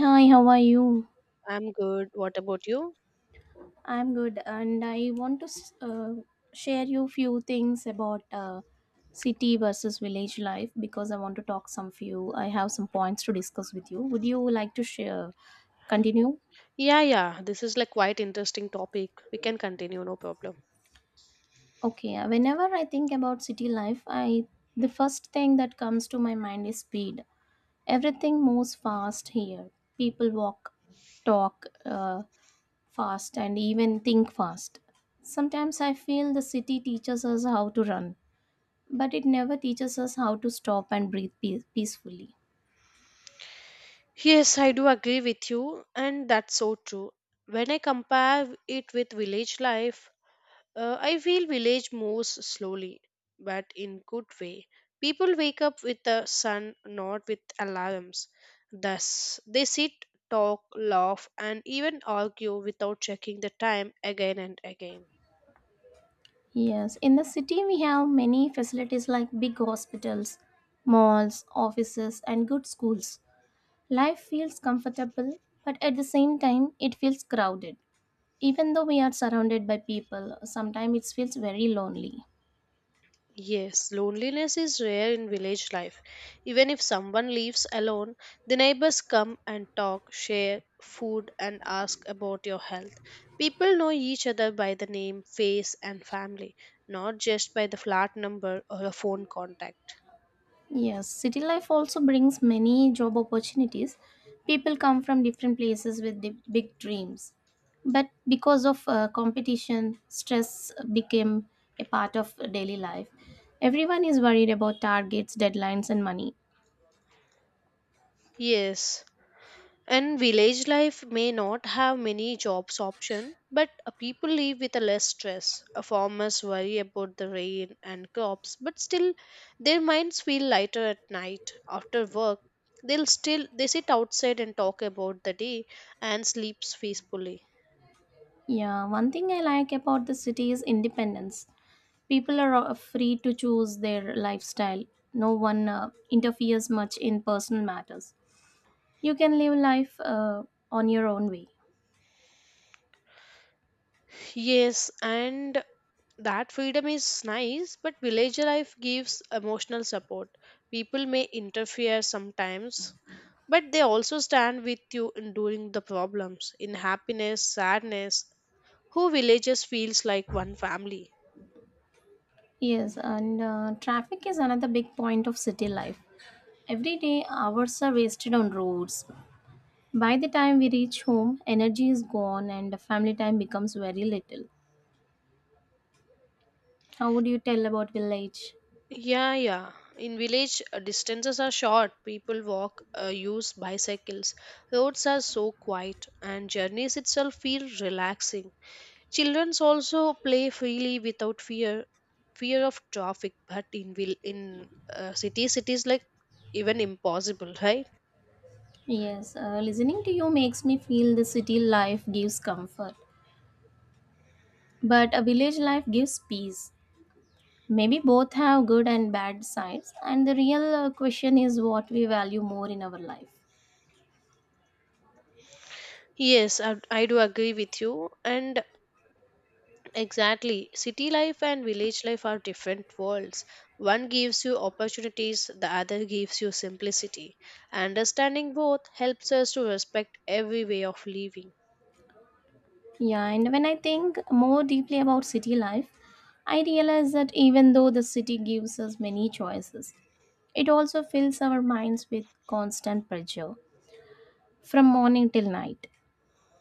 Hi, how are you? I'm good. What about you? I'm good, and I want to share you few things about city versus village life because I want to talk some few. I have some points to discuss with you. Would you like to share? Continue. Yeah, yeah. This is like quite interesting topic. We can continue, no problem. Okay. Whenever I think about city life, I the first thing that comes to my mind is speed. Everything moves fast here. People walk, talk fast, and even think fast. Sometimes I feel the city teaches us how to run but it never teaches us how to stop and breathe peacefully. Yes, I do agree with you, and that's so true. When I compare it with village life, I feel village moves slowly, but in good way. People wake up with the sun, not with alarms. Thus, they sit, talk, laugh, and even argue without checking the time again and again. Yes, in the city we have many facilities like big hospitals, malls, offices, and good schools. Life feels comfortable, but at the same time, it feels crowded. Even though we are surrounded by people, sometimes it feels very lonely. Yes, loneliness is rare in village life. Even if someone lives alone, the neighbors come and talk, share food, and ask about your health. People know each other by the name, face, and family, not just by the flat number or a phone contact. Yes, city life also brings many job opportunities. People come from different places with the big dreams. But because of competition, stress became a part of daily life. Everyone is worried about targets, deadlines, and money. Yes, and village life may not have many jobs option, but people live with a less stress. Farmers worry about the rain and crops, but still their minds feel lighter at night. After work, they sit outside and talk about the day and sleeps peacefully. Yeah, one thing I like about the city is independence. People are free to choose their lifestyle, no one interferes much in personal matters. You can live life on your own way. Yes, and That freedom is nice, but village life gives emotional support. People may interfere sometimes, but they also stand with you in during the problems, in happiness, sadness. Who villages feels like one family. Yes, and traffic is another big point of city life. Every day, hours are wasted on roads. By the time we reach home, energy is gone and family time becomes very little. How would you tell about village? Yeah, yeah. In village, distances are short. People walk, use bicycles. Roads are so quiet, and journeys itself feel relaxing. Children also play freely without fear fear of traffic, but in will in cities it is like even impossible, right? Yes, listening to you makes me feel the city life gives comfort, but a village life gives peace. Maybe both have good and bad sides, and the real question is what we value more in our life. Yes, I do agree with you, and exactly, city life and village life are different worlds. One gives you opportunities, the other gives you simplicity. Understanding both helps us to respect every way of living. Yeah, and when I think more deeply about city life, I realize that even though the city gives us many choices, it also fills our minds with constant pressure. From morning till night,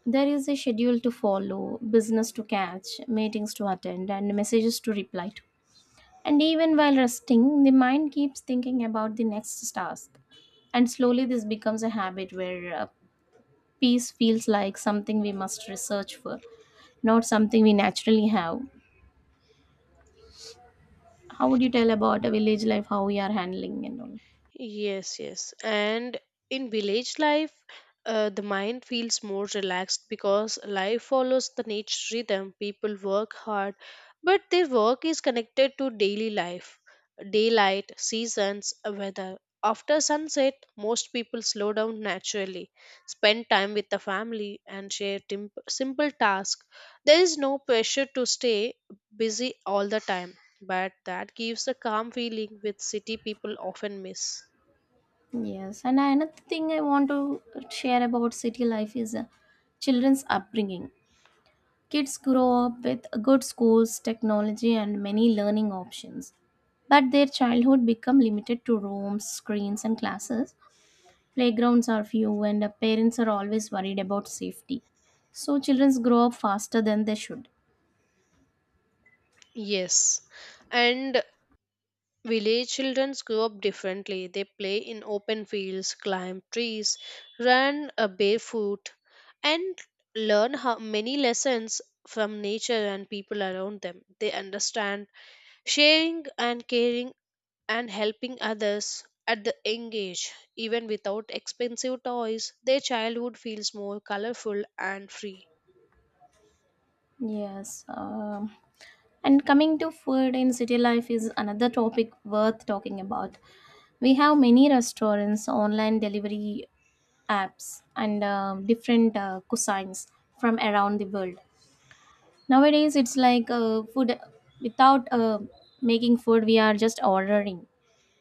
there is a schedule to follow, business to catch, meetings to attend, and messages to reply to. And even while resting, the mind keeps thinking about the next task. And slowly, this becomes a habit where peace feels like something we must research for, not something we naturally have. How would you tell about a village life, how we are handling and all? Yes, yes. And in village life, the mind feels more relaxed because life follows the nature rhythm. People work hard, but their work is connected to daily life, daylight, seasons, weather. After sunset, most people slow down naturally, spend time with the family, and share simple tasks. There is no pressure to stay busy all the time, but that gives a calm feeling which city people often miss. Yes, and another thing I want to share about city life is children's upbringing. Kids grow up with good schools, technology and many learning options, but their childhood become limited to rooms, screens and classes. Playgrounds are few and parents are always worried about safety, so children grow up faster than they should. Yes, and village children grow up differently. They play in open fields, climb trees, run barefoot, and learn how many lessons from nature and people around them. They understand sharing and caring and helping others at the young age. Even without expensive toys, their childhood feels more colorful and free. Yes. And coming to food in city life is another topic worth talking about. We have many restaurants, online delivery apps, and different cuisines from around the world. Nowadays, it's like food without making food, we are just ordering.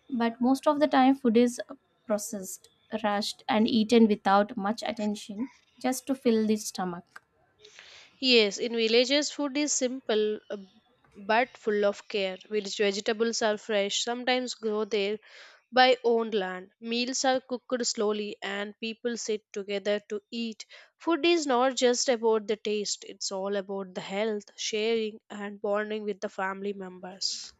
But most of the time, food is processed, rushed, and eaten without much attention just to fill the stomach. Yes, in villages, food is simple, but full of care. Village vegetables are fresh, sometimes grow there by own land. Meals are cooked slowly, and people sit together to eat. Food is not just about the taste, it's all about the health, sharing, and bonding with the family members.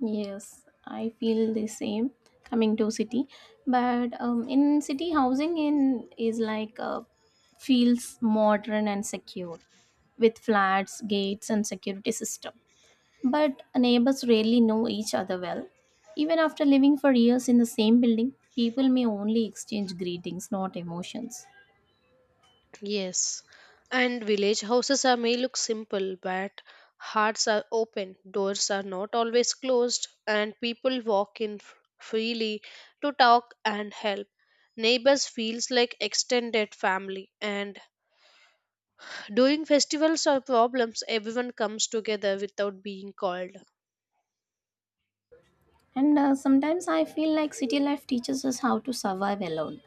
Yes, I feel the same coming to city, but in city housing in is like feels modern and secure with flats, gates, and security system. But neighbors rarely know each other well. Even after living for years in the same building, people may only exchange greetings, not emotions. Yes, and village houses are may look simple, but hearts are open, doors are not always closed, and people walk in freely to talk and help. Neighbors feels like extended family, and during festivals or problems, everyone comes together without being called. And sometimes I feel like city life teaches us how to survive alone,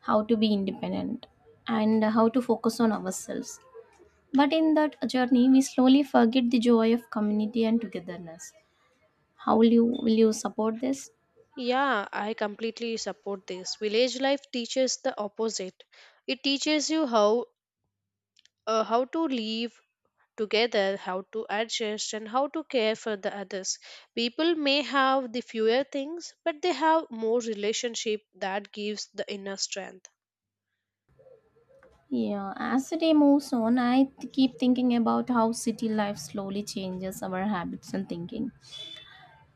how to be independent, and how to focus on ourselves. But in that journey, we slowly forget the joy of community and togetherness. How will you support this? Yeah, I completely support this. Village life teaches the opposite. It teaches you how to live together, how to adjust, and how to care for the others. People may have the fewer things, but they have more relationship that gives the inner strength. Yeah, as the day moves on, I keep thinking about how city life slowly changes our habits and thinking.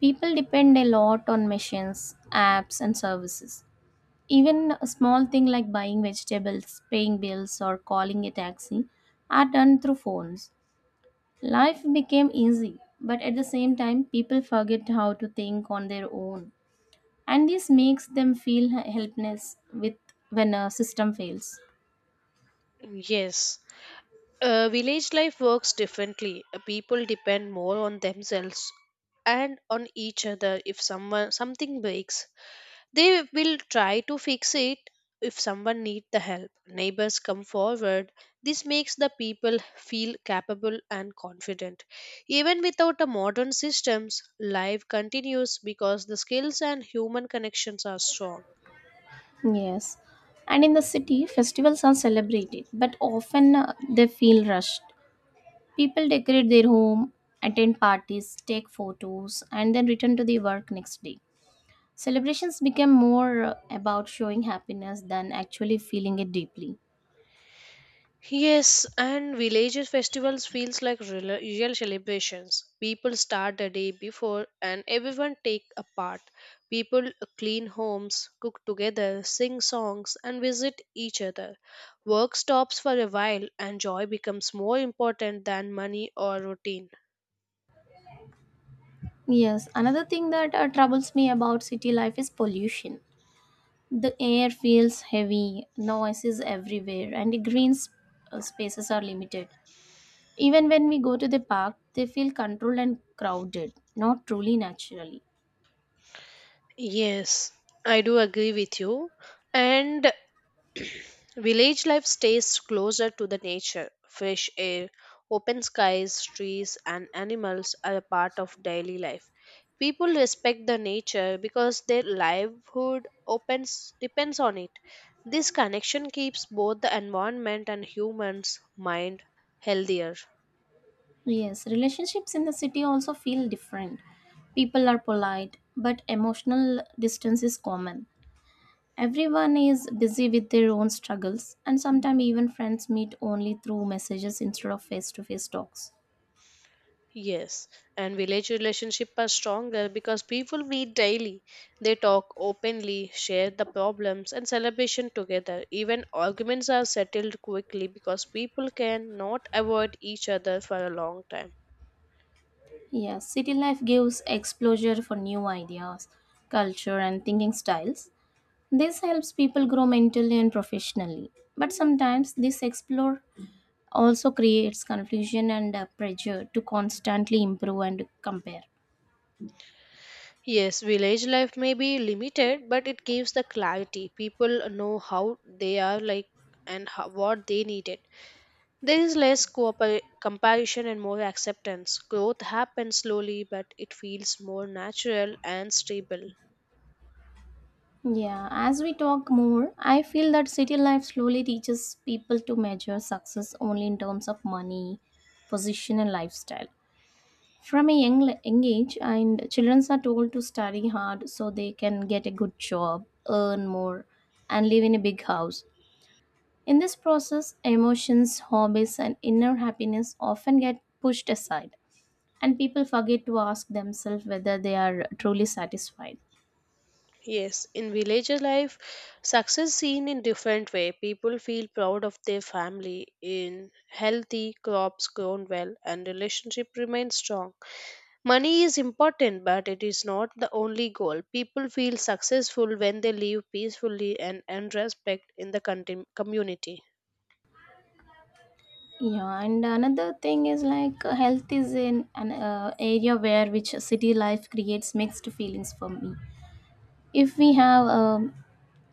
People depend a lot on machines, apps, and services. Even a small thing like buying vegetables, paying bills, or calling a taxi are done through phones. Life became easy, but at the same time, people forget how to think on their own. And this makes them feel helpless with when a system fails. Yes, village life works differently. People depend more on themselves and on each other. If someone something breaks, they will try to fix it. If someone needs the help, neighbors come forward. This makes the people feel capable and confident. Even without the modern systems, life continues because the skills and human connections are strong. Yes, and in the city festivals are celebrated, but often they feel rushed. People decorate their home, attend parties, take photos and then return to the work next day. Celebrations become more about showing happiness than actually feeling it deeply. Yes, and villages festivals feels like real, real celebrations. People start the day before and everyone take a part. People clean homes, cook together, sing songs and visit each other. Work stops for a while and joy becomes more important than money or routine. Yes, another thing that troubles me about city life is pollution. The air feels heavy, noise is everywhere, and the green spaces are limited. Even when we go to the park, they feel controlled and crowded, not truly naturally. Yes, I do agree with you. And village life stays closer to the nature. Fresh air, open skies, trees, and animals are a part of daily life. People respect the nature because their livelihood opens, depends on it. This connection keeps both the environment and humans' mind healthier. Yes, relationships in the city also feel different. People are polite, but emotional distance is common. Everyone is busy with their own struggles, and sometimes even friends meet only through messages instead of face to face talks. Yes, and village relationships are stronger because people meet daily. They talk openly, share the problems and celebration together. Even arguments are settled quickly because people can not avoid each other for a long time. Yes, city life gives exposure for new ideas, culture, and thinking styles. This helps people grow mentally and professionally. But sometimes this explore also creates confusion and pressure to constantly improve and compare. Yes, village life may be limited, but it gives the clarity. People know how they are like and how, what they needed. There is less comparison and more acceptance. Growth happens slowly, but it feels more natural and stable. Yeah, as we talk more, I feel that city life slowly teaches people to measure success only in terms of money, position, and lifestyle. From a young age, and children are told to study hard so they can get a good job, earn more, and live in a big house. In this process, emotions, hobbies, and inner happiness often get pushed aside, and people forget to ask themselves whether they are truly satisfied. Yes, in villager life, success seen in different way. People feel proud of their family in healthy crops grown well and relationship remains strong. Money is important, but it is not the only goal. People feel successful when they live peacefully and earn respect in the community. Yeah, and another thing is like health is in an area where which city life creates mixed feelings for me. If we have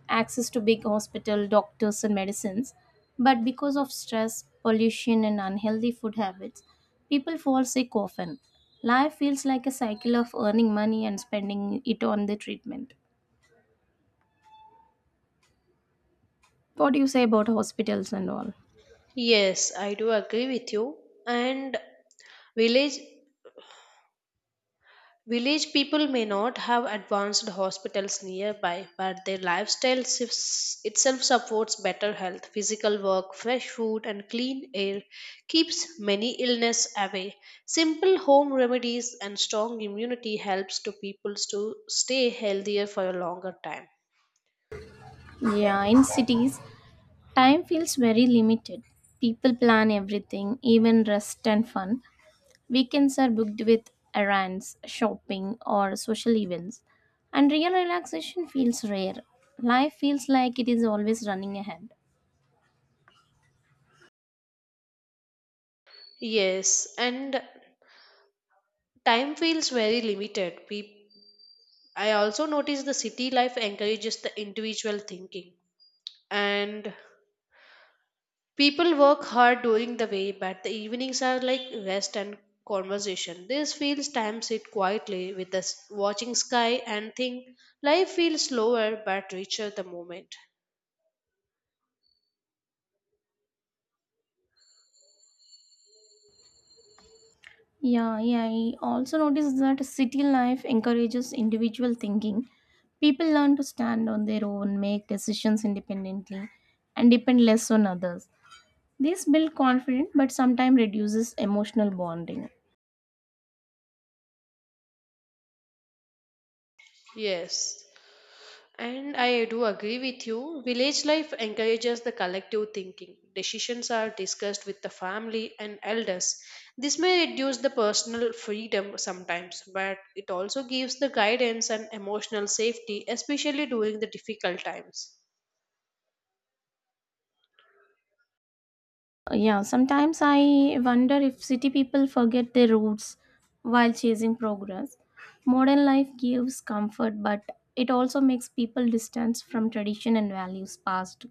access to big hospital, doctors, and medicines. But because of stress, pollution, and unhealthy food habits, people fall sick often. Life feels like a cycle of earning money and spending it on the treatment. What do you say about hospitals and all? Yes, I do agree with you. And village village people may not have advanced hospitals nearby, but their lifestyle shifts itself supports better health. Physical work, fresh food, and clean air keeps many illness away. Simple home remedies and strong immunity helps to people to stay healthier for a longer time. Yeah, in cities, time feels very limited. People plan everything, even rest and fun. Weekends are booked with errands, shopping, or social events, and real relaxation feels rare. Life feels like it is always running ahead. Yes, and time feels very limited. People, I also notice the city life encourages the individual thinking, and people work hard during the day but the evenings are like rest and conversation. This feels time sit quietly with us watching sky and think life feels slower but richer the moment. Yeah, yeah, I also noticed that city life encourages individual thinking. People learn to stand on their own, make decisions independently, and depend less on others. This builds confidence but sometimes reduces emotional bonding. Yes. And I do agree with you. Village life encourages the collective thinking. Decisions are discussed with the family and elders. This may reduce the personal freedom sometimes, but it also gives the guidance and emotional safety, especially during the difficult times. Yeah, sometimes I wonder if city people forget their roots while chasing progress. Modern life gives comfort, but it also makes people distance from tradition and values passed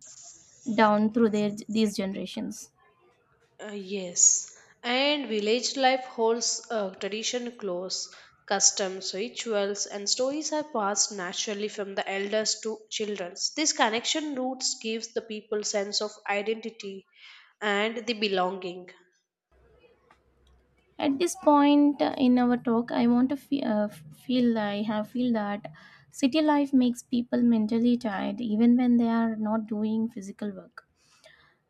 down through their these generations. Yes, and village life holds tradition close. Customs, rituals, and stories are passed naturally from the elders to children. This connection roots gives the people sense of identity and the belonging. At this point in our talk, I want to fe- feel I have feel that city life makes people mentally tired even when they are not doing physical work.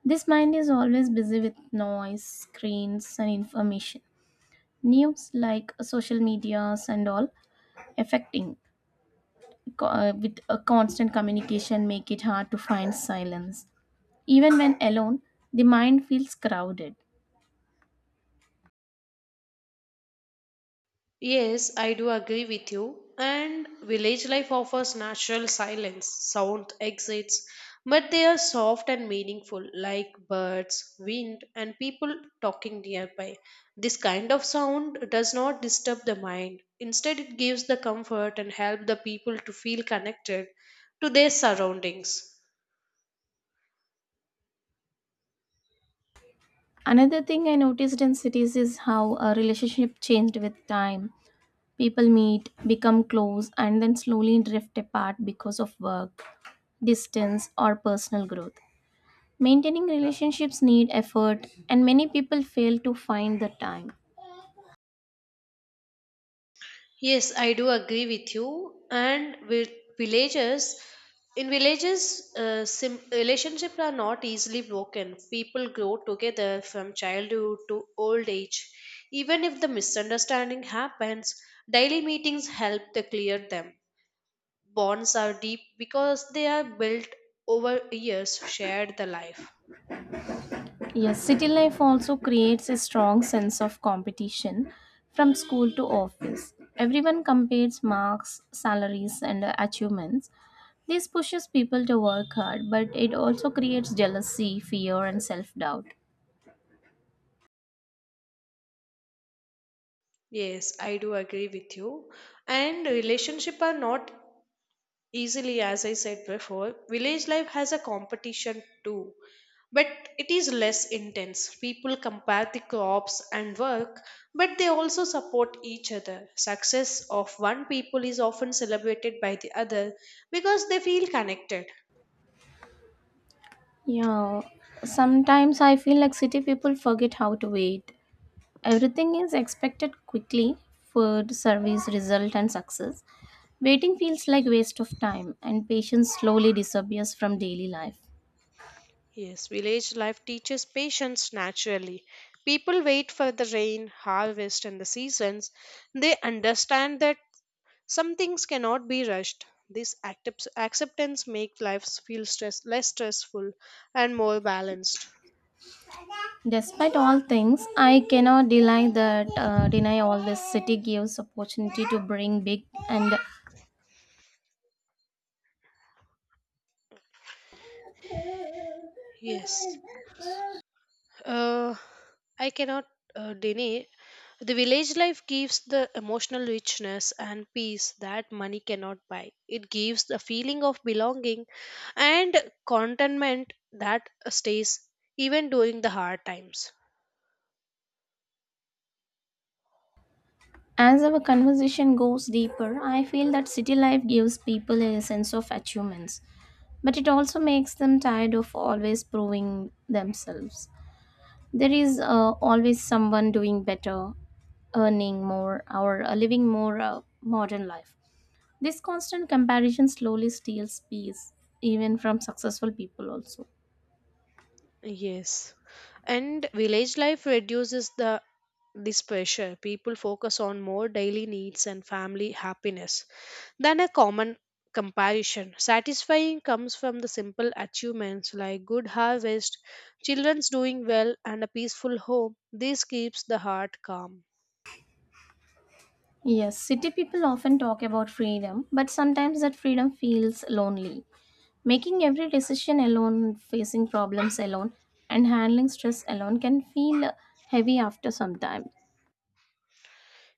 This mind is always busy with noise, screens, and information news like social medias and all affecting with a constant communication make it hard to find silence even when alone the mind feels crowded. Yes, I do agree with you. And village life offers natural silence, sound exits, but they are soft and meaningful, like birds, wind, and people talking nearby. This kind of sound does not disturb the mind. Instead, it gives the comfort and help the people to feel connected to their surroundings. Another thing I noticed in cities is how a relationship changed with time. People meet, become close and then slowly drift apart because of work, distance or personal growth. Maintaining relationships need effort and many people fail to find the time. Yes, I do agree with you. And with villages, villages, relationships are not easily broken. People grow together from childhood to old age. Even if the misunderstanding happens, daily meetings help to clear them. Bonds are deep because they are built over years, shared the life. Yes, city life also creates a strong sense of competition from school to office. Everyone compares marks, salaries, and achievements. This pushes people to work hard, but it also creates jealousy, fear, and self doubt. Yes, I do agree with you. And relationship are not easily, as I said before, village life has a competition too, but it is less intense. People compare the crops and work, but they also support each other. Success of one people is often celebrated by the other because they feel connected. Yeah, sometimes I feel like city people forget how to wait. Everything is expected quickly food, service, result, and success. Waiting feels like waste of time, and patience slowly disappears from daily life. Yes, village life teaches patience naturally. People wait for the rain harvest and the seasons. They understand that some things cannot be rushed. This acceptance makes life feel less stressful and more balanced. Despite all things, I cannot deny that deny all this city gives opportunity to bring big and Yes, uh, I cannot deny the village life gives the emotional richness and peace that money cannot buy. It gives the feeling of belonging and contentment that stays even during the hard times. as our conversation goes deeper, I feel that city life gives people a sense of achievements, but it also makes them tired of always proving themselves. There is always someone doing better, earning more, or living more modern life. This constant comparison slowly steals peace, even from successful people also. Yes. And village life reduces the this pressure. People focus on more daily needs and family happiness than a common comparison. Satisfying comes from the simple achievements like good harvest, children's doing well, and a peaceful home. This keeps the heart calm. Yes, city people often talk about freedom, but sometimes that freedom feels lonely. Making every decision alone, facing problems alone, and handling stress alone can feel heavy after some time.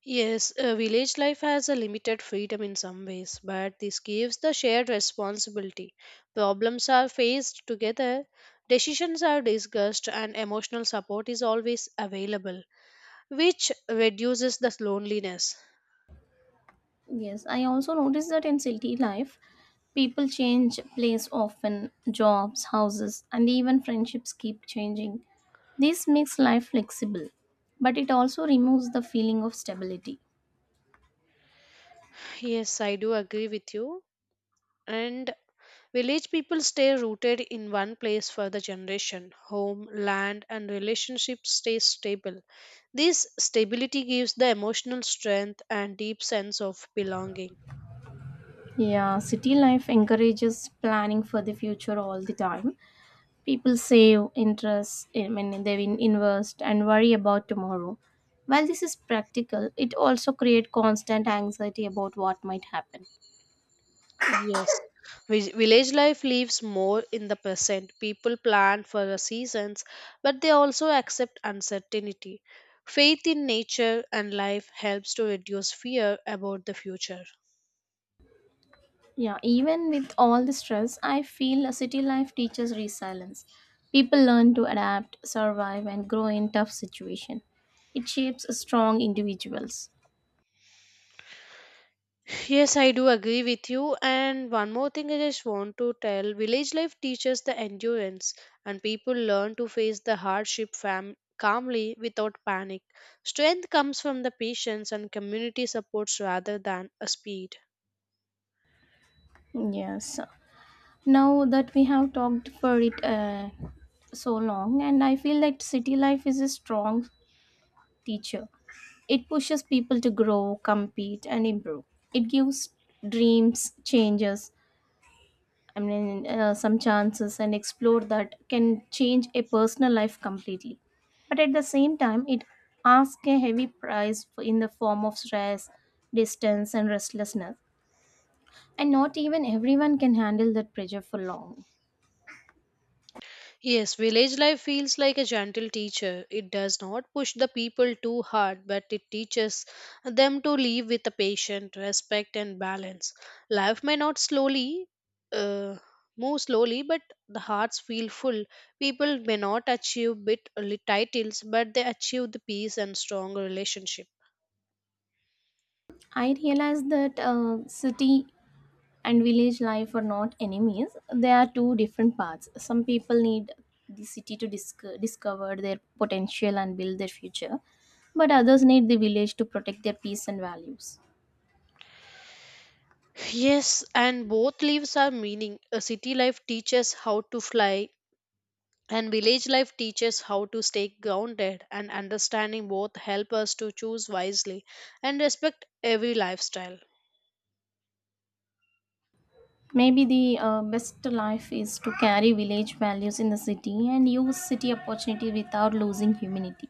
Yes, village life has a limited freedom in some ways, but this gives the shared responsibility. Problems are faced together, decisions are discussed, and emotional support is always available, which reduces the loneliness. Yes, I also noticed that in city life, people change place often, jobs, houses, and even friendships keep changing. This makes life flexible, but it also removes the feeling of stability. Yes, I do agree with you. And village people stay rooted in one place for the generation. Home, land, and relationships stay stable. This stability gives the emotional strength and deep sense of belonging. Yeah, city life encourages planning for the future all the time. People save, interest, I mean, they invest and worry about tomorrow. While this is practical, it also creates constant anxiety about what might happen. Yes. Village life lives more in the present. People plan for the seasons, but they also accept uncertainty. Faith in nature and life helps to reduce fear about the future. Yeah, even with all the stress, I feel a city life teaches resilience. People learn to adapt, survive, and grow in tough situations. It shapes strong individuals. Yes, I do agree with you. And one more thing I just want to tell, village life teaches the endurance, and people learn to face the hardship calmly without panic. Strength comes from the patience and community supports rather than a speed. Yes. Now that we have talked for it so long, and I feel that city life is a strong teacher. It pushes people to grow, compete and improve. It gives dreams, changes, I mean some chances and explore that can change a personal life completely. But at the same time it asks a heavy price in the form of stress, distance and restlessness, and not even everyone can handle that pressure for long. Yes, village life feels like a gentle teacher. It does not push the people too hard, but it teaches them to live with a patient, respect, and balance. Life may not slowly uh, move slowly, but the hearts feel full. People may not achieve bit only titles, but they achieve the peace and strong relationship. I realized that city and village life are not enemies. They are two different paths. Some people need the city to discover their potential and build their future, but others need the village to protect their peace and values. Yes, and both lives are meaning. A city life teaches how to fly, and village life teaches how to stay grounded, and understanding both help us to choose wisely and respect every lifestyle. Maybe the best life is to carry village values in the city and use city opportunity without losing humanity.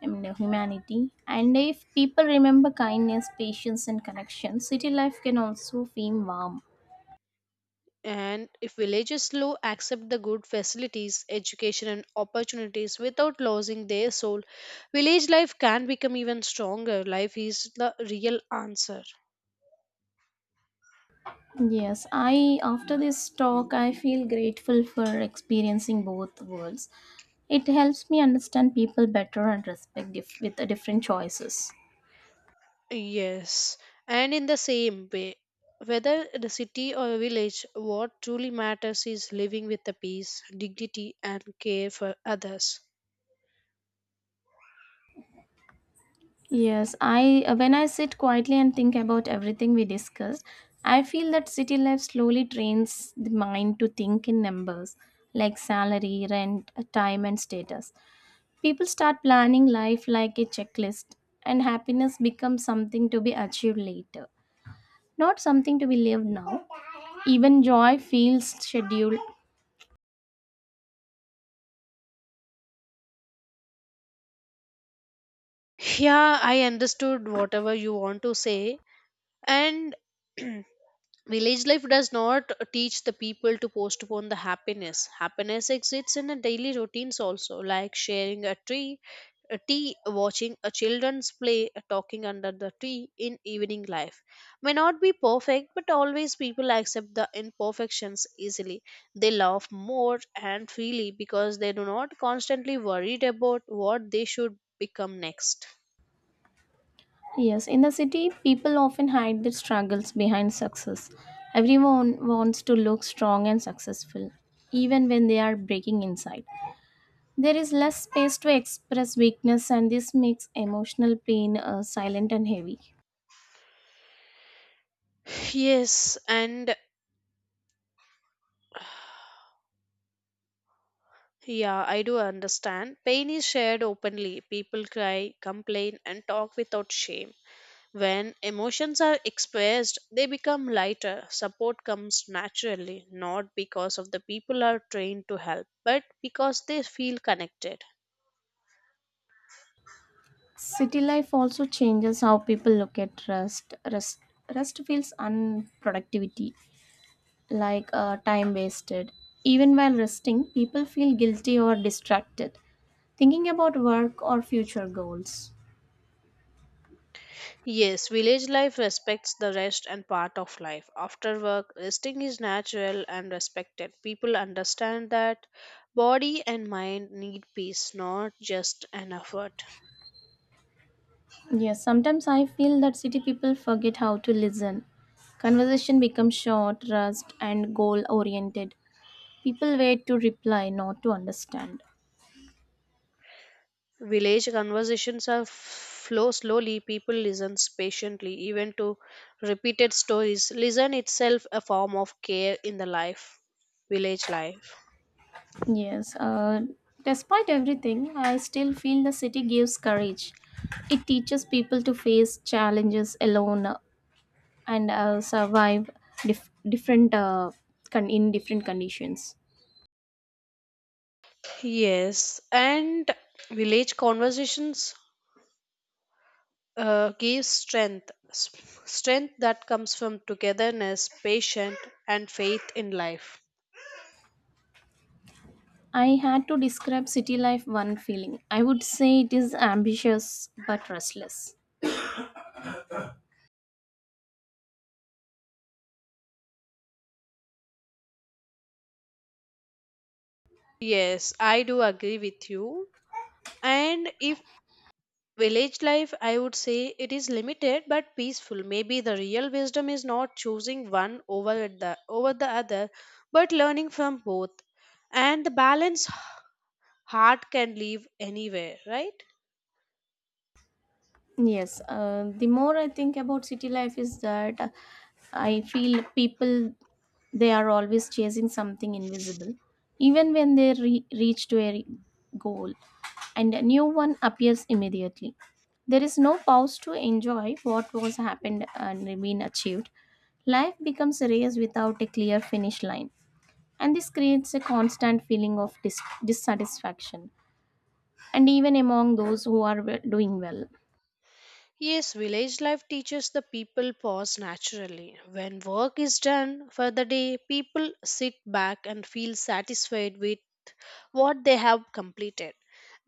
I mean, humanity. And if people remember kindness, patience, and connection, city life can also feel warm. And if villages low accept the good facilities, education and opportunities without losing their soul, village life can become even stronger. Life is the real answer. Yes, I after this talk I feel grateful for experiencing both worlds. It helps me understand people better and respect with the different choices. Yes, and in the same way, whether the city or village, what truly matters is living with the peace, dignity and care for others. Yes, I when I sit quietly and think about everything we discussed, I feel that city life slowly trains the mind to think in numbers like salary, rent, time and status. People start planning life like a checklist and happiness becomes something to be achieved later, not something to be lived now. Even joy feels scheduled. Yeah, I understood whatever you want to say. And village life does not teach the people to postpone the happiness. Happiness exists in the daily routines also, like sharing a tree, a tea, watching a children's play, talking under the tree in evening. Life may not be perfect, but always people accept the imperfections easily. They laugh more and freely because they do not constantly worried about what they should become next. Yes, in the city, people often hide their struggles behind success. Everyone wants to look strong and successful, even when they are breaking inside. There is less space to express weakness, and this makes emotional pain silent and heavy. Yes, and yeah, I do understand. Pain is shared openly. People cry, complain, and talk without shame. When emotions are expressed, they become lighter. Support comes naturally, not because of the people are trained to help, but because they feel connected. City life also changes how people look at rest. Rest feels unproductivity like time wasted. Even while resting, people feel guilty or distracted, thinking about work or future goals. Yes, village life respects the rest and part of life. After work, resting is natural and respected. People understand that body and mind need peace, not just an effort. Yes, sometimes I feel that city people forget how to listen. Conversation becomes short, rushed, and goal oriented. People wait to reply, not to understand. Village conversations are flow slowly. People listens patiently, even to repeated stories. Listen itself a form of care in the life, village life. Yes, despite everything, I still feel the city gives courage. It teaches people to face challenges alone and survive different con- in different conditions. Yes, and village conversations gives strength that comes from togetherness, patience and faith in life. I had to describe city life one feeling. I would say it is ambitious but restless. Yes, I do agree with you. And if village life, I would say it is limited but peaceful. Maybe the real wisdom is not choosing one over the other, but learning from both and the balance. Heart can live anywhere, right? Yes, the more I think about city life is that I feel people they are always chasing something invisible, even when they reach to a goal, and a new one appears immediately. There is no pause to enjoy what was happened and been achieved. Life becomes a race without a clear finish line, and this creates a constant feeling of dissatisfaction, and even among those who are doing well. Yes, village life teaches the people pause naturally. When work is done for the day, people sit back and feel satisfied with what they have completed.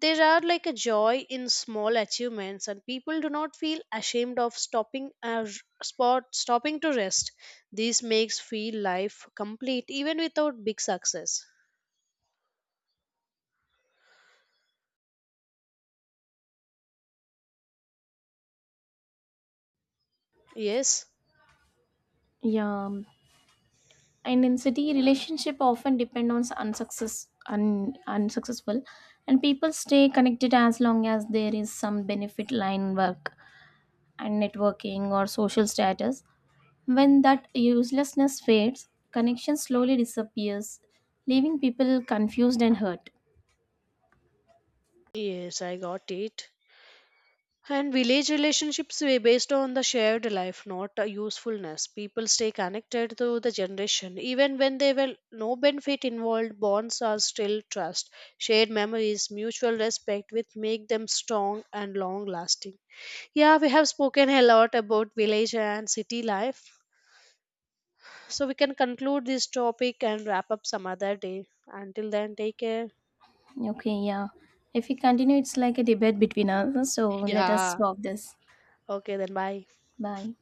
There are like a joy in small achievements, and people do not feel ashamed of stopping to rest. This makes feel life complete even without big success. Yes, Yeah, and in city relationship often depend on unsuccessful and people stay connected as long as there is some benefit line work and networking or social status. When that uselessness fades connection slowly disappears leaving people confused and hurt. yes, I got it. And village relationships were based on the shared life, not a usefulness. People stay connected to the generation. Even when there were no benefit involved, bonds are still trust. Shared memories, mutual respect, which make them strong and long lasting. Yeah, we have spoken a lot about village and city life. So we can conclude this topic and wrap up some other day. Until then, take care. Okay, yeah, if we continue it's like a debate between us so let us Yeah. stop this. Okay, then bye. Bye.